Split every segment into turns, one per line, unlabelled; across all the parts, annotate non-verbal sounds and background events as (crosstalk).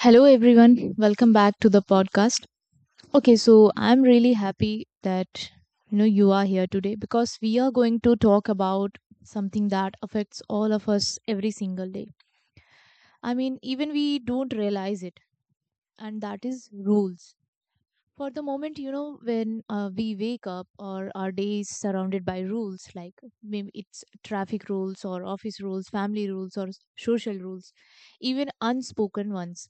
Hello, everyone. Welcome back to the podcast. Okay, so I'm really happy that you are here today because we are going to talk about something that affects all of us every single day. I mean, even we don't realize it, and that is rules. For the moment, you know, when we wake up or our day is surrounded by rules, like maybe it's traffic rules or office rules, family rules, or social rules, even unspoken ones.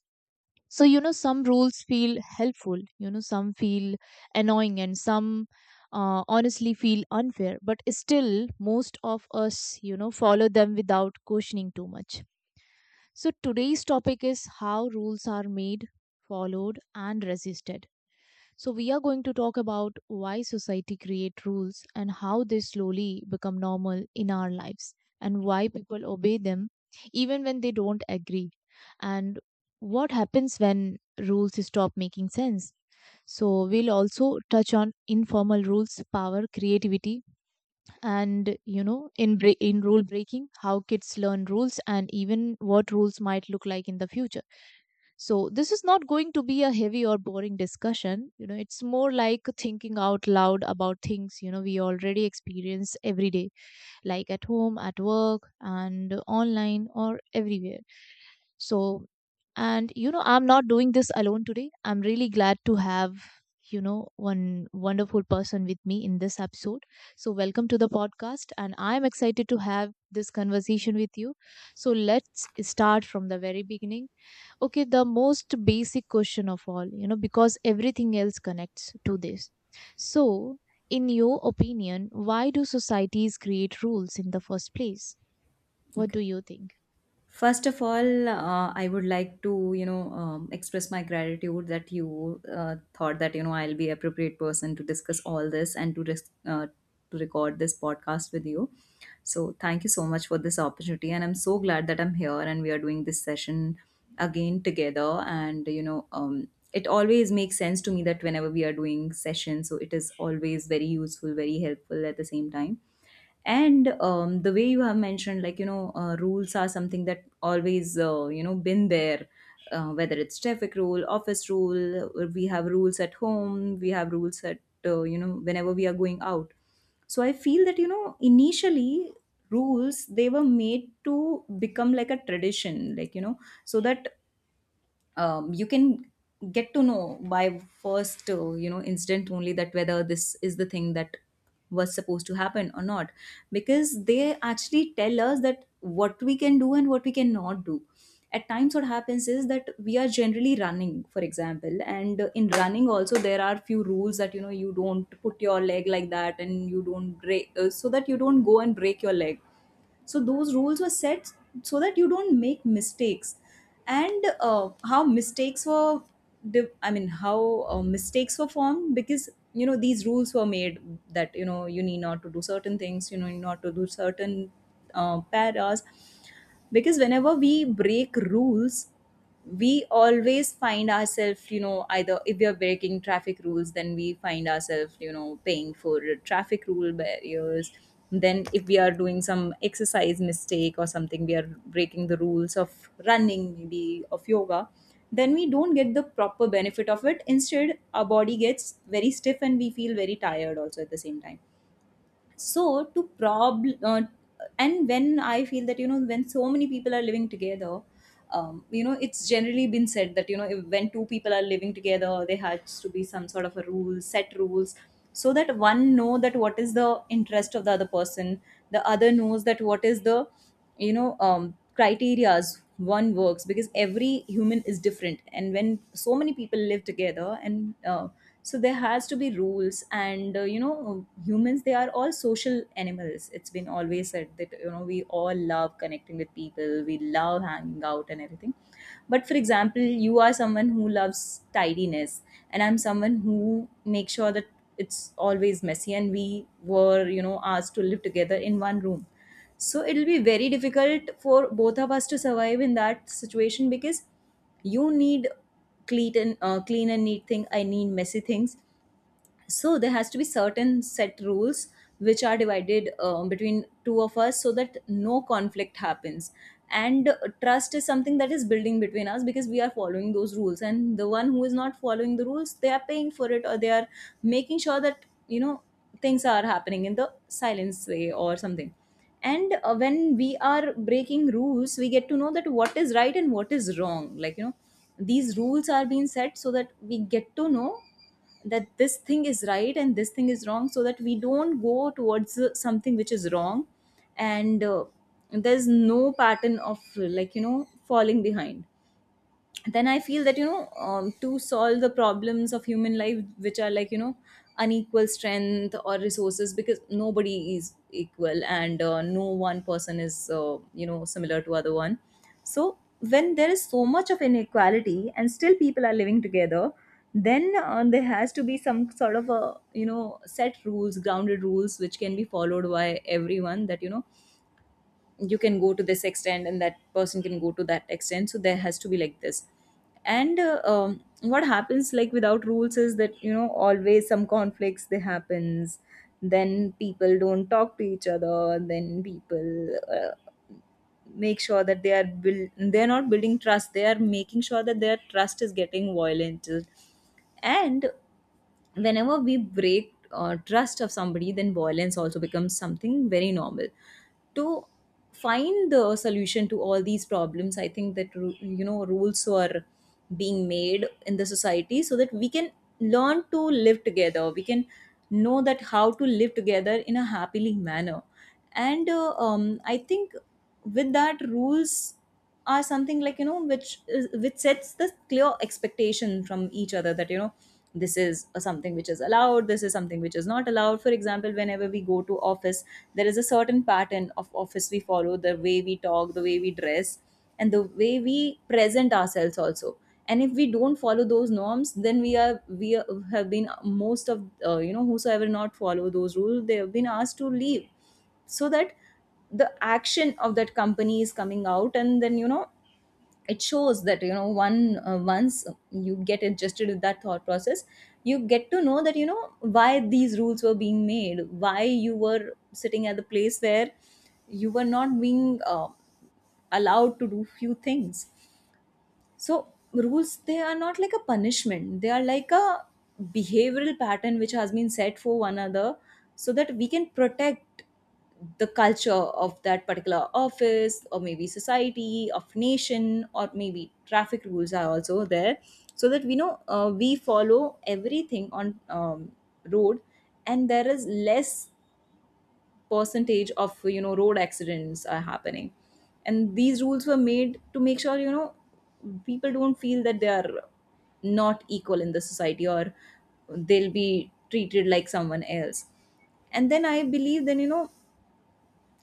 So you know, some rules feel helpful, you know, some feel annoying, and some honestly feel unfair, but still most of us, you know, follow them without questioning too much. So today's topic is how rules are made, followed, and resisted. So we are going to talk about why society create rules and how they slowly become normal in our lives, and why people obey them even when they don't agree, and what happens when rules stop making sense. So, we'll also touch on informal rules, power, creativity, and you know, in rule breaking, how kids learn rules and even what rules might look like in the future. So this is not going to be a heavy or boring discussion. You know, it's more like thinking out loud about things, you know, we already experience every day, like at home, at work, and online or everywhere. So, and you know, I'm not doing this alone today. I'm really glad to have, you know, one wonderful person with me in this episode. So, welcome to the podcast, and I'm excited to have this conversation with you. So, let's start from the very beginning. Okay, the most basic question of all, you know, because everything else connects to this. So, in your opinion, why do societies create rules in the first place? What do
Okay.
you think?
First of all, I would like to, express my gratitude that you thought that, I'll be appropriate person to discuss all this and to record this podcast with you. So thank you so much for this opportunity, and I'm so glad that I'm here and we are doing this session again together. It always makes sense to me that whenever we are doing sessions, so it is always very useful, very helpful at the same time, and the way you have mentioned, rules are something that always been there, whether it's traffic rule, office rule, or we have rules at home, we have rules at, whenever we are going out. So I feel that, you know, initially rules they were made to become like a tradition, like, you know, so that you can get to know by first instant only that whether this is the thing that was supposed to happen or not, because they actually tell us that what we can do and what we cannot do. At times what happens is that we are generally running, for example, and in running also there are few rules that, you know, you don't put your leg like that and you don't break so that you don't go and break your leg. So those rules were set so that you don't make mistakes. And how mistakes were div- I mean how mistakes were formed, because, you know, these rules were made that, you know, you need not to do certain things, you know, not to do certain paras, because whenever we break rules we always find ourselves, you know, either if we are breaking traffic rules then we find ourselves, you know, paying for traffic rule barriers. Then if we are doing some exercise mistake or something, we are breaking the rules of running, maybe of yoga, then we don't get the proper benefit of it. Instead, our body gets very stiff and we feel very tired also at the same time. So to problem, and when I feel that, you know, when so many people are living together, you know, it's generally been said that, you know, if, when two people are living together there has to be some sort of a rule, set rules, so that one know that what is the interest of the other person, the other knows that what is the, criterias one works, because every human is different and when so many people live together. And So there has to be rules, and, you know, humans, they are all social animals. It's been always said that, you know, we all love connecting with people, we love hanging out and everything. But for example, you are someone who loves tidiness and I'm someone who makes sure that it's always messy, and we were, you know, asked to live together in one room. So it'll be very difficult for both of us to survive in that situation, because you need clean and, neat thing, I need messy things. So there has to be certain set rules which are divided, between two of us, so that no conflict happens. And Trust is something that is building between us, because we are following those rules, and the one who is not following the rules, they are paying for it, or they are making sure that, you know, things are happening in the silence way or something. And When we are breaking rules, we get to know that what is right and what is wrong, like, you know, these rules are being set so that we get to know that this thing is right and this thing is wrong, so that we don't go towards something which is wrong. And There's no pattern of, falling behind. Then I feel that, to solve the problems of human life, which are, like, you know, unequal strength or resources, because nobody is equal, and no one person is, similar to other one. So when there is so much of inequality and still people are living together, then there has to be some sort of a, you know, set rules, grounded rules, which can be followed by everyone, that, you know, you can go to this extent and that person can go to that extent. So there has to be like this. And What happens like without rules is that, you know, always some conflicts they happens, then people don't talk to each other, then people make sure that they are build they're not building trust, they are making sure that their trust is getting violated. And whenever we break trust of somebody, then violence also becomes something very normal. To find the solution to all these problems, I think that, rules are being made in the society so that we can learn to live together, we can know that how to live together in a happily manner. And I think with that, rules are something, like, you know, which sets the clear expectation from each other, that, you know, this is a something which is allowed, this is something which is not allowed. For example, whenever we go to office, there is a certain pattern of office, we follow the way we talk, the way we dress, and the way we present ourselves also. And if we don't follow those norms, then have been, most of, whosoever not follow those rules, they have been asked to leave. So that the action of that company is coming out, and then, you know, it shows that, you know, one once you get adjusted with that thought process, you get to know that, you know, why these rules were being made, why you were sitting at the place where you were not being allowed to do few things. So rules, they are not like a punishment. They are like a behavioral pattern which has been set for one another, so that we can protect the culture of that particular office, or maybe society of nation, or maybe traffic rules are also there, so that we know, we follow everything on, road, and there is less percentage of, you know, road accidents are happening. And these rules were made to make sure, you know, people don't feel that they are not equal in the society, or they'll be treated like someone else. And then I believe, then, you know,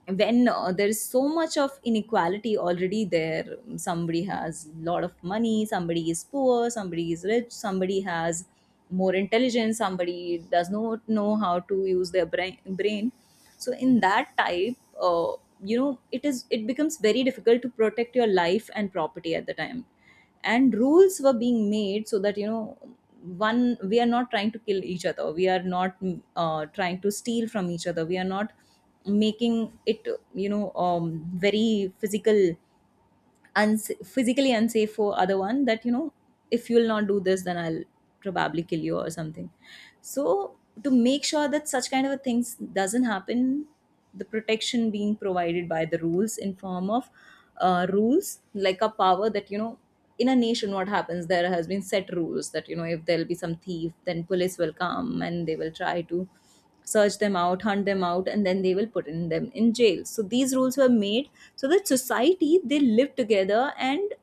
when there is so much of inequality already there, somebody has a lot of money, somebody is poor, somebody is rich, somebody has more intelligence, somebody does not know how to use their brain. So in that type, it is, it becomes very difficult to protect your life and property at the time. And rules were being made so that, you know, one, we are not trying to kill each other, we are not trying to steal from each other, we are not making it, very physical, physically unsafe for other one, that, you know, if you'll not do this then I'll probably kill you or something. So to make sure that such kind of a things doesn't happen, the protection being provided by the rules in form of, rules like a power, that, you know, in a nation what happens, there has been set rules that, you know, if there'll be some thief then police will come and they will try to search them out, hunt them out, and then they will put in them in jail. So these rules were made so that society they live together, and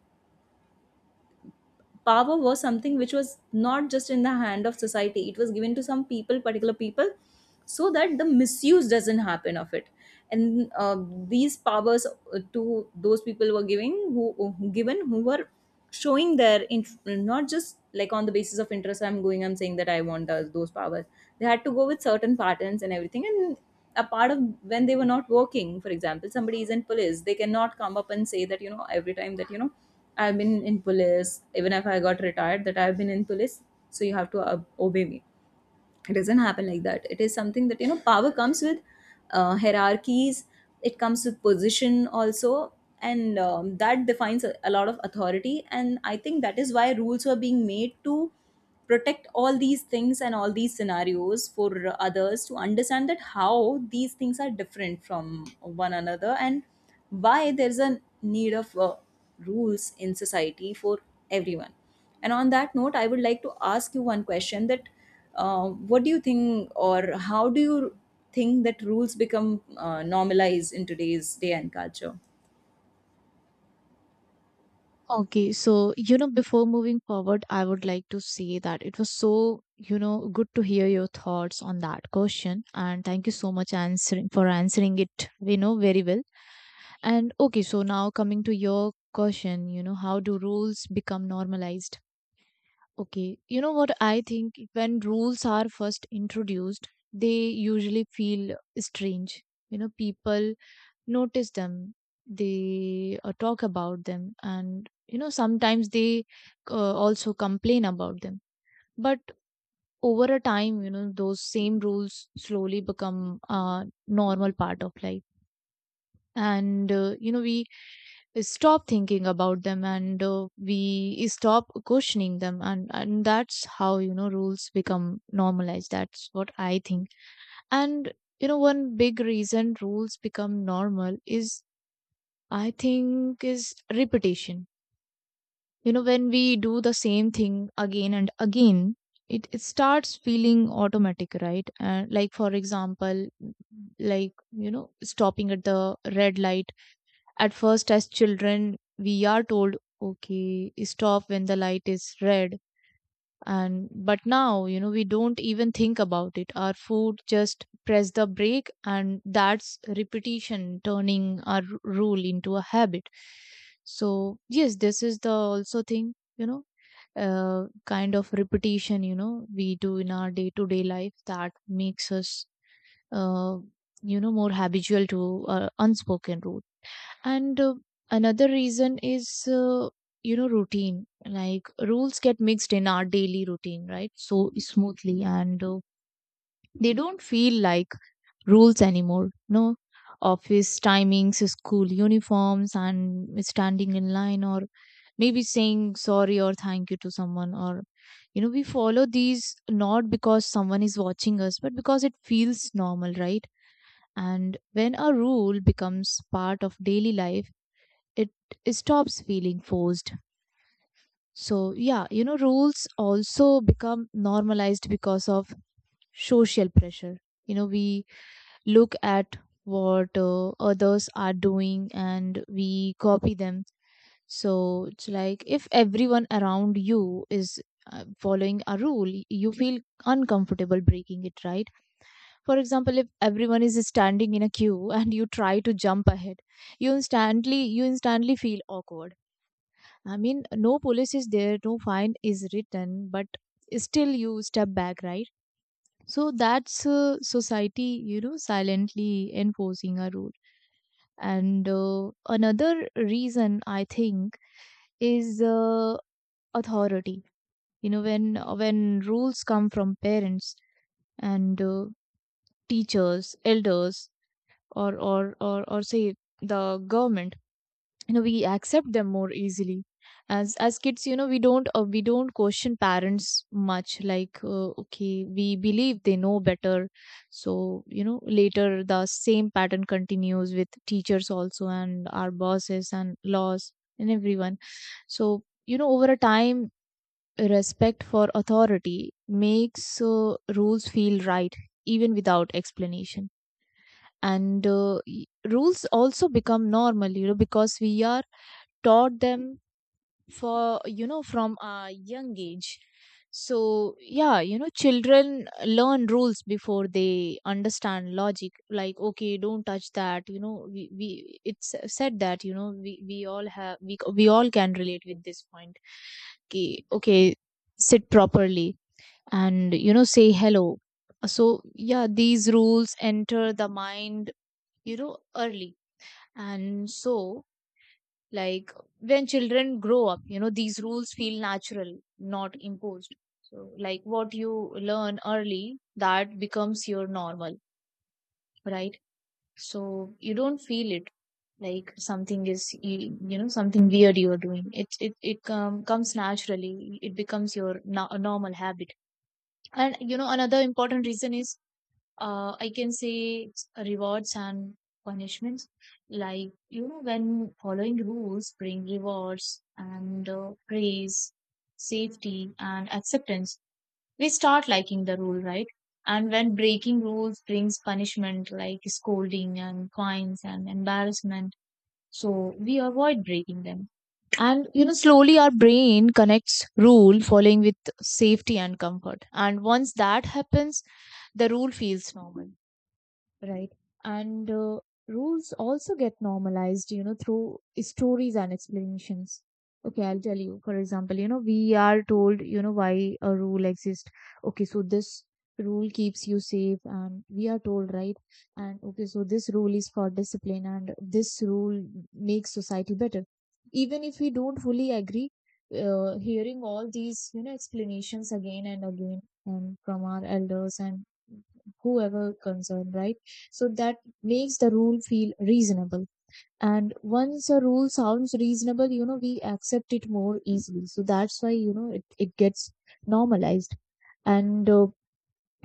power was something which was not just in the hand of society, it was given to some people, particular people, so that the misuse doesn't happen of it. And These powers to those people were giving given who were showing their not just like on the basis of interest, I'm going, I'm saying that I want those powers. They had to go with certain patterns and everything and a part of when they were not working. For example, somebody is in police, they cannot come up and say that, you know, every time that, you know, I've been in police, even if I got retired, that I've been in police, so you have to obey me. It doesn't happen like that. It is something that, you know, power comes with hierarchies, it comes with position also. And that defines a lot of authority, and I think that is why rules were being made to protect all these things and all these scenarios for others to understand that how these things are different from one another, and why there's a need of rules in society for everyone. And on that note, I would like to ask you one question, that what do you think, or how do you think that rules become normalized in today's day and culture?
Okay, so you know, before moving forward, I would like to say that it was so, you know, good to hear your thoughts on that question, and thank you so much answering for answering it, you know, very well. And okay, so now coming to your question, you know, how do rules become normalized? Okay, you know what I think? When rules are first introduced, they usually feel strange. You know, people notice them, they talk about them, and you know, sometimes they also complain about them. But over a time, you know, those same rules slowly become a normal part of life. And you know, we stop thinking about them, and we stop questioning them, and that's how, you know, rules become normalized. That's what I think. And you know, one big reason rules become normal is, I think, is repetition. You know, when we do the same thing again and again, it starts feeling automatic, right? Like for example, like you know, stopping at the red light. At first, as children, we are told, okay, stop when the light is red. And but now, you know, we don't even think about it. Our food just press the brake, and that's repetition turning our rule into a habit. So, yes, this is the also thing, you know, kind of repetition, you know, we do in our day to day life that makes us, uh, you know, more habitual to unspoken rules. And another reason is, you know, routine. Like rules get mixed in our daily routine, right? So smoothly, and they don't feel like rules anymore. No, office timings, school uniforms, and standing in line, or maybe saying sorry or thank you to someone, or you know, we follow these not because someone is watching us, but because it feels normal, right? And when a rule becomes part of daily life, it stops feeling forced. So, yeah, you know, rules also become normalized because of social pressure. You know, we look at what others are doing and we copy them. So, it's like if everyone around you is following a rule, you feel uncomfortable breaking it, right? For example, if everyone is standing in a queue (laughs) and you try to jump ahead, you instantly feel awkward. I mean, no police is there, no fine is written, but still you step back, right? So that's society, you know, silently enforcing a rule. And another reason I think is authority. You know, when rules come from parents and teachers, elders, or say the government, you know, we accept them more easily. As kids, you know, we don't question parents much, like okay, we believe they know better. So you know, later the same pattern continues with teachers also and our bosses and laws and everyone. So you know, over a time, respect for authority makes rules feel right, even without explanation. And rules also become normal, you know, because we are taught them for, you know, from a young age. So yeah, you know, children learn rules before they understand logic. Like okay, don't touch that. You know, we it's said that you know, we all have, we all can relate with this point. Okay, okay, sit properly, and you know, say hello. So yeah, these rules enter the mind, you know, early. And so, like when children grow up, you know, these rules feel natural, not imposed. So, like what you learn early, that becomes your normal, right? So you don't feel it like something is, you know, something weird you are doing. It Um, comes naturally, it becomes your normal habit. And you know, another important reason is, I can say, rewards and punishments. Like, you know, when following rules bring rewards and praise, safety, and acceptance, we start liking the rule, right? And when breaking rules brings punishment like scolding and fines and embarrassment, so we avoid breaking them. And you know, slowly our brain connects rule following with safety and comfort. And once that happens, the rule feels normal. Right. And rules also get normalized, you know, through stories and explanations. Okay, I'll tell you. For example, you know, we are told, you know, why a rule exists. Okay, so this rule keeps you safe, and we are told, right? And okay, so this rule is for discipline, and this rule makes society better. Even if we don't fully agree, hearing all these, you know, explanations again and again, from our elders and whoever concerned, right? So that makes the rule feel reasonable. And once a rule sounds reasonable, you know, we accept it more easily. So that's why, you know, it gets normalized. And uh,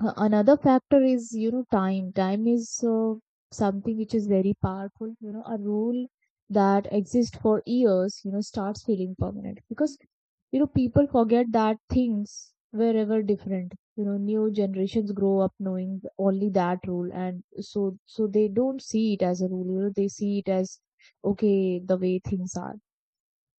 uh, another factor is, you know, time. Time is something which is very powerful. You know, a rule that exists for years, you know, starts feeling permanent, because you know, people forget that things were ever different. You know, new generations grow up knowing only that rule, and so they don't see it as a rule. You know, they see it as, okay, the way things are.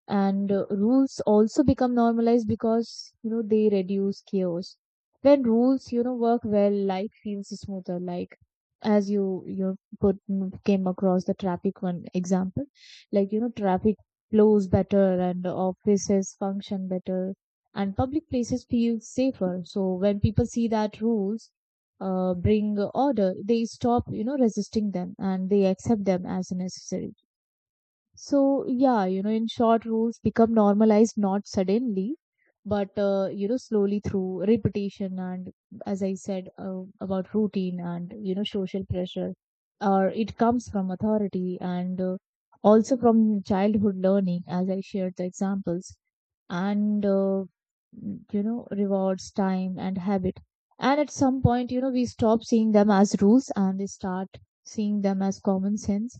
And rules also become normalized because, you know, they reduce chaos. When rules, you know, work well, life feels smoother, like as you put, came across the traffic one example. Like you know, traffic flows better, and offices function better, and public places feel safer. So when people see that rules bring order, they stop, you know, resisting them, and they accept them as necessary. So, yeah, you know, in short, rules become normalized not suddenly, but, you know, slowly through repetition and, as I said, about routine and, you know, social pressure. Or it comes from authority, and also from childhood learning, as I shared the examples, and, you know, rewards, time, and habit. And at some point, you know, we stop seeing them as rules and we start seeing them as common sense.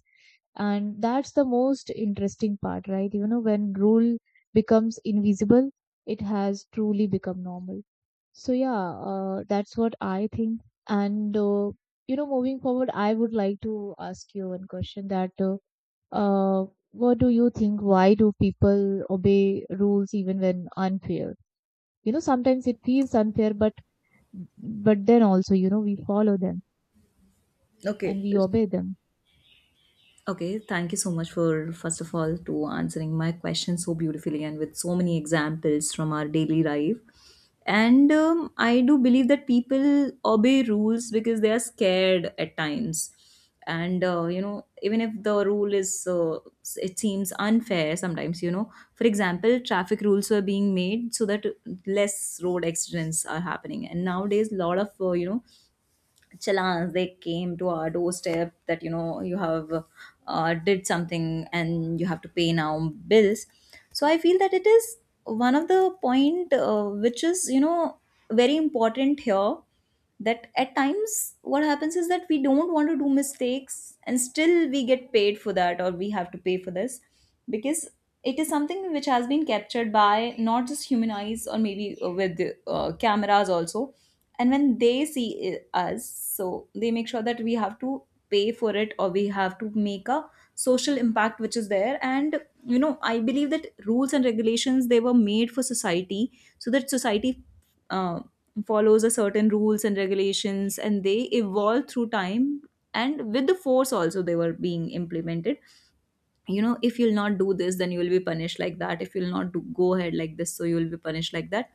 And that's the most interesting part, right? You know, when rule becomes invisible, it has truly become normal. So yeah, that's what I think. And you know, moving forward, I would like to ask you one question, that uh, what do you think, why do people obey rules even when unfair? You know, sometimes it feels unfair, but then also, you know, we follow them and
Okay.
we obey them.
Okay, thank you so much, for first of all to answering my question so beautifully and with so many examples from our daily life. And I do believe that people obey rules because they are scared at times. And you know, even if the rule is, it seems unfair sometimes. You know, for example, traffic rules were being made so that less road accidents are happening. And nowadays, a lot of, you know, challans, they came to our doorstep, that you know you have did something and you have to pay now bills. So I feel that it is one of the point, which is, you know, very important here, that at times what happens is that we don't want to do mistakes and still we get paid for that, or we have to pay for this, because it is something which has been captured by not just human eyes or maybe with cameras also. And when they see us, so they make sure that we have to pay for it, or we have to make a social impact which is there. And you know, I believe that rules and regulations, they were made for society, so that society uh, follows a certain rules and regulations, and they evolve through time, and with the force also they were being implemented. You know, if you'll not do this, then you will be punished like that. If you'll not do, go ahead like this, so you will be punished like that.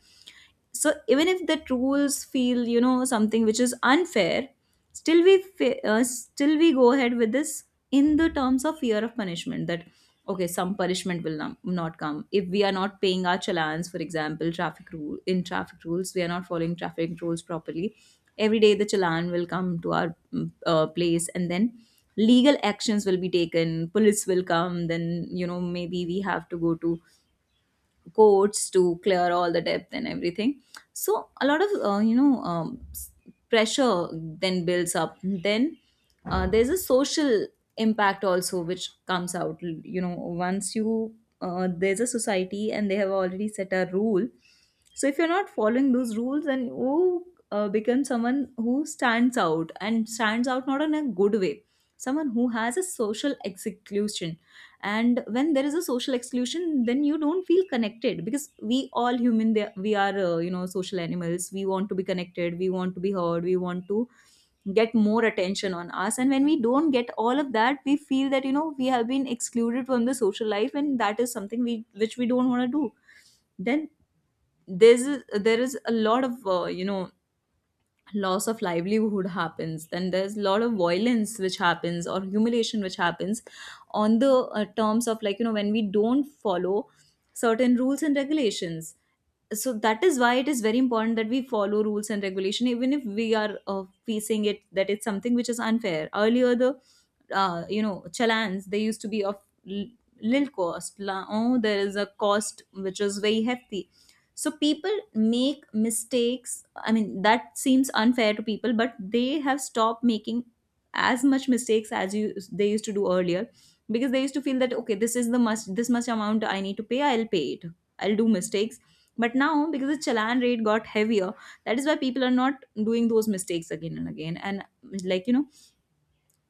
So even if the rules feel, you know, something which is unfair, still we still we go ahead with this, in the terms of fear of punishment, that okay, some punishment will not come if we are not paying our challans. For example, traffic rule, in traffic rules we are not following traffic rules properly, every day the challan will come to our place, and then legal actions will be taken, police will come, then you know maybe we have to go to coats to clear all the depth and everything. So a lot of, you know, pressure then builds up. Then there's a social impact also which comes out. You know, once you, there's a society and they have already set a rule, so if you're not following those rules, then you become someone who stands out, and stands out not in a good way, someone who has a social exclusion. And when there is a social exclusion, then you don't feel connected, because we all human, we are, you know, social animals, we want to be connected, we want to be heard, we want to get more attention on us. And when we don't get all of that, we feel that, you know, we have been excluded from the social life, and that is something we which we don't want to do. Then there's there is a lot of, you know, loss of livelihood happens, then there's a lot of violence which happens, or humiliation which happens, on the terms of, like, you know, when we don't follow certain rules and regulations. So that is why it is very important that we follow rules and regulation, even if we are facing it, that it's something which is unfair. Earlier, the you know, challans, they used to be of l- little cost. Oh, there is a cost which is very hefty, so people make mistakes, I mean that seems unfair to people, but they have stopped making as much mistakes as you they used to do earlier. Because they used to feel that okay, this is the much, this much amount I need to pay, I'll pay it, I'll do mistakes. But now, because the challan rate got heavier, that is why people are not doing those mistakes again and again. And like, you know,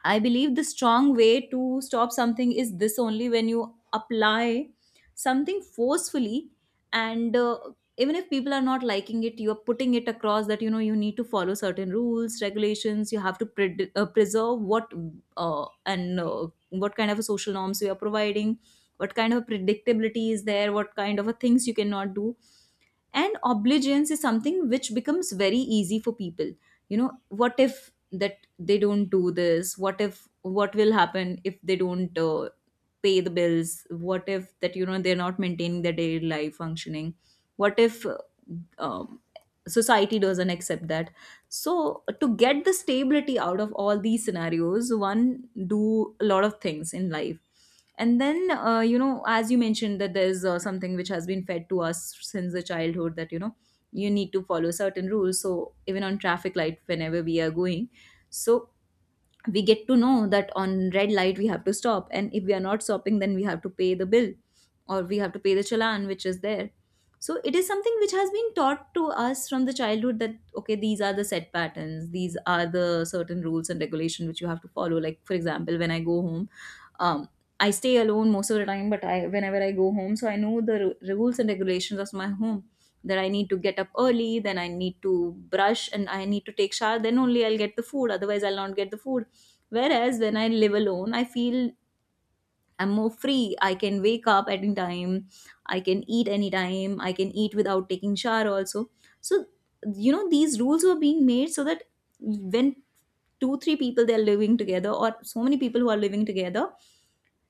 I believe the strong way to stop something is this only, when you apply something forcefully, and even if people are not liking it, you are putting it across that, you know, you need to follow certain rules, regulations. You have to pred preserve what and what kind of a social norms you are providing, what kind of predictability is there, what kind of a things you cannot do. And oblivion is something which becomes very easy for people. You know, what if that they don't do this, what if, what will happen if they don't pay the bills, what if that, you know, they're not maintaining their daily life functioning, what if, um, society doesn't accept that. So, to get the stability out of all these scenarios, one do a lot of things in life. And then, you know, as you mentioned, that there's something which has been fed to us since the childhood, that, you know, you need to follow certain rules. So, even on traffic light, whenever we are going. So, we get to know that on red light we have to stop, and if we are not stopping, then we have to pay the bill, or we have to pay the challan which is there. So it is something which has been taught to us from the childhood, that okay, these are the set patterns, these are the certain rules and regulation which you have to follow. Like for example, when I go home, um, I stay alone most of the time, but I whenever I go home, so I know the rules and regulations of my home, that I need to get up early, then I need to brush, and I need to take shower, then only I'll get the food, otherwise I'll not get the food. Whereas when I live alone, I feel I'm more free. I can wake up anytime. I can eat anytime. I can eat without taking shower also. So, you know, these rules were being made so that when two, three people they're living together, or so many people who are living together,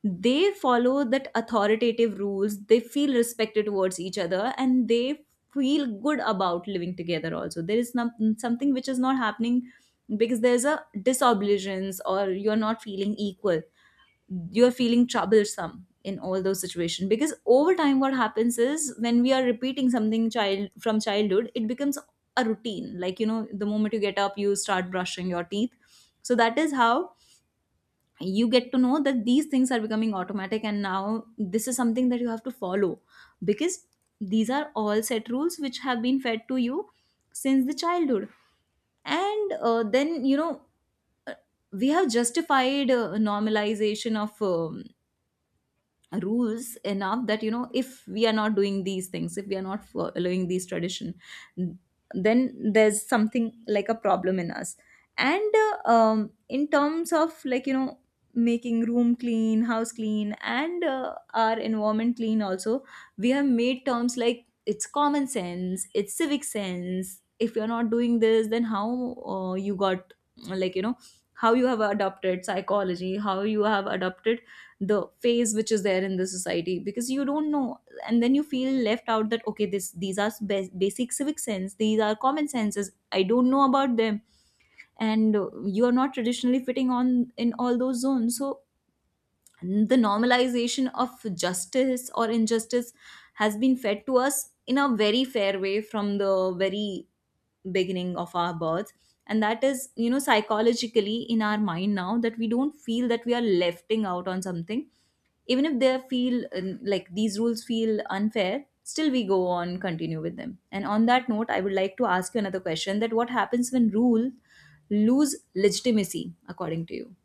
they follow that authoritative rules, they feel respected towards each other, and they feel good about living together. Also, there is something which is not happening because there's a disobligence, or you're not feeling equal, you're feeling troublesome in all those situations. Because over time what happens is, when we are repeating something child from childhood, it becomes a routine. Like, you know, the moment you get up, you start brushing your teeth. So that is how you get to know that these things are becoming automatic, and now this is something that you have to follow, because these are all set rules which have been fed to you since the childhood. And then, you know, uh, we have justified normalization of, rules enough that, you know, if we are not doing these things, if we are not following these tradition, then there's something like a problem in us. And in terms of, like, you know, making room clean, house clean, and our environment clean also, we have made terms like it's common sense, it's civic sense. If you're not doing this, then how you got, like, you know, how you have adopted psychology, how you have adopted the phase which is there in the society, because you don't know. And then you feel left out, that okay, this these are basic civic sense, these are common senses, I don't know about them. And you are not traditionally fitting on in all those zones. So the normalization of justice or injustice has been fed to us in a very fair way from the very beginning of our birth. And that is, you know, psychologically in our mind now, that we don't feel that we are lefting out on something. Even if they feel, like, these rules feel unfair, still we go on continue with them. And on that note, I would like to ask you another question, that what happens when rule lose legitimacy, according to you?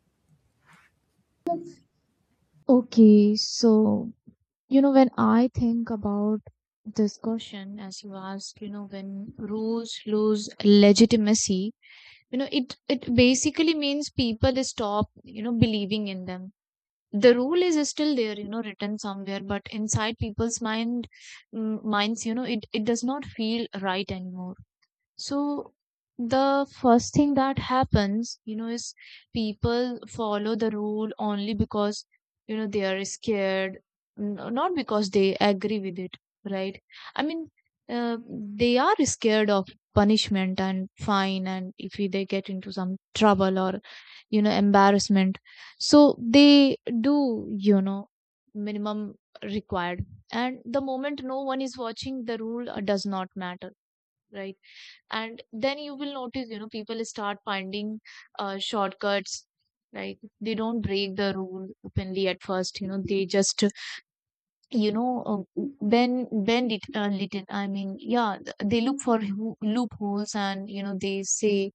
Okay, so you know, when I think about this question, as you ask, you know, when rules lose legitimacy, you know, it basically means people stop, you know, believing in them. The rule is still there, you know, written somewhere, but inside people's minds, you know, it does not feel right anymore. So the first thing that happens, is people follow the rule only because, they are scared, not because they agree with it, right? I mean, they are scared of punishment and fine, and if they get into some trouble or, you know, embarrassment. So they do, minimum required. And the moment no one is watching, the rule does not matter, right? And then you will notice, people start finding shortcuts. Like, they don't break the rule openly at first, you know they just you know bend it a little. Yeah, they look for loopholes, and, they say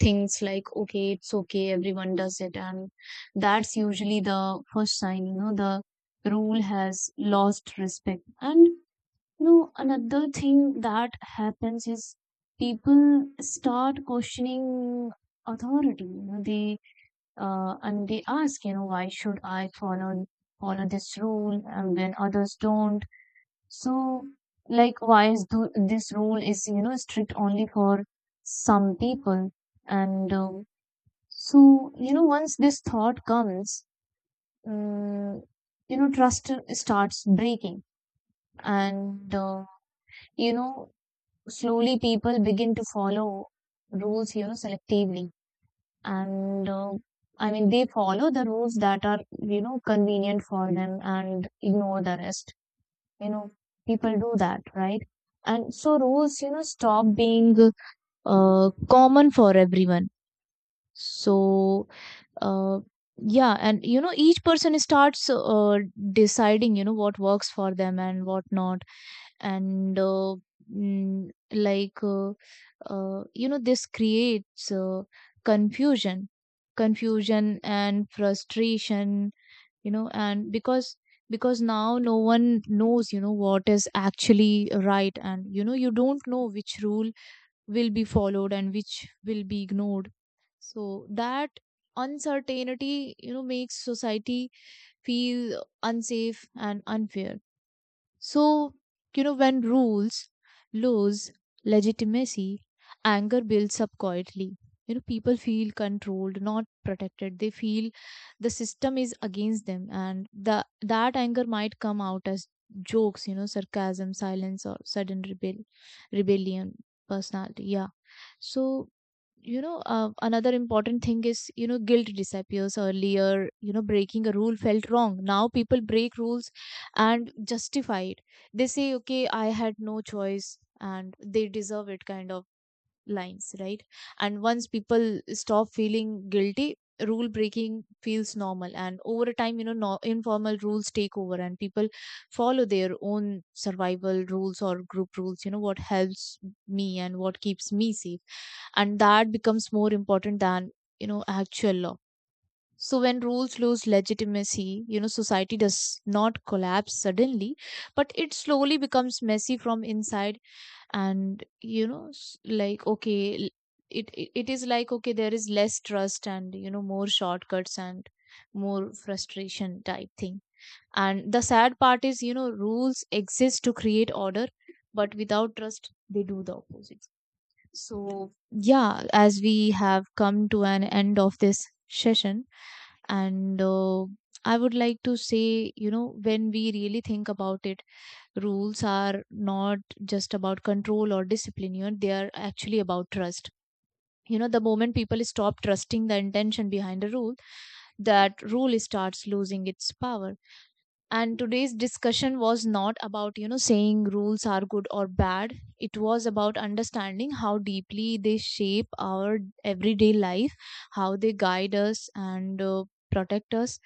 things like, okay, it's okay, everyone does it. And that's usually the first sign, the rule has lost respect. And, another thing that happens is people start questioning authority. You know, they and they ask, why should I follow this rule and when others don't? So, like, why is this rule is you know strict only for some people? And so, you know, once this thought comes, um, trust starts breaking. And uh, you know, slowly, people begin to follow rules, selectively. And uh, i mean they follow the rules that are, convenient for them, and ignore the rest. You know, people do that, right? And so rules, stop being common for everyone. So uh, yeah, and you know, each person starts, deciding, what works for them and what not. And mm, like You know, this creates, confusion confusion and frustration. You know, and because now no one knows, what is actually right, and, you don't know which rule will be followed and which will be ignored. So that uncertainty, makes society feel unsafe and unfair. So, when rules lose legitimacy, anger builds up quietly. You know, people feel controlled, not protected. They feel the system is against them, and the that anger might come out as jokes, sarcasm, silence, or sudden rebellion, personality. Yeah. So, another important thing is, guilt disappears earlier. You know, breaking a rule felt wrong. Now people break rules and justify it. They say, okay, I had no choice, and they deserve it, kind of lines, right? And once people stop feeling guilty, rule breaking feels normal. And over time, you know, no, informal rules take over, and people follow their own survival rules or group rules, you know, what helps me and what keeps me safe. And that becomes more important than, actual law. So when rules lose legitimacy, society does not collapse suddenly, but it slowly becomes messy from inside. And, it is like, okay, there is less trust, and, more shortcuts and more frustration type thing. And the sad part is, rules exist to create order, but without trust, they do the opposite. So, yeah, as we have come to an end of this session, and I would like to say, when we really think about it, rules are not just about control or discipline, they are actually about trust. You know, the moment people stop trusting the intention behind a rule, that rule starts losing its power. And today's discussion was not about, saying rules are good or bad. It was about understanding how deeply they shape our everyday life, how they guide us, and protect us,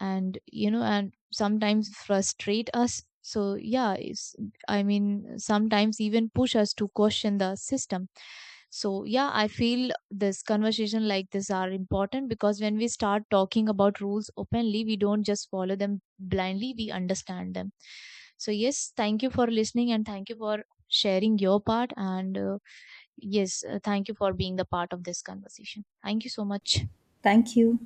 and you know, and sometimes frustrate us. So yeah, I mean, sometimes even push us to question the system. So yeah, I feel this conversation like this are important, because when we start talking about rules openly, we don't just follow them blindly, we understand them. So yes, thank you for listening, and thank you for sharing your part. And yes, thank you for being the part of this conversation. Thank you so much.
Thank you.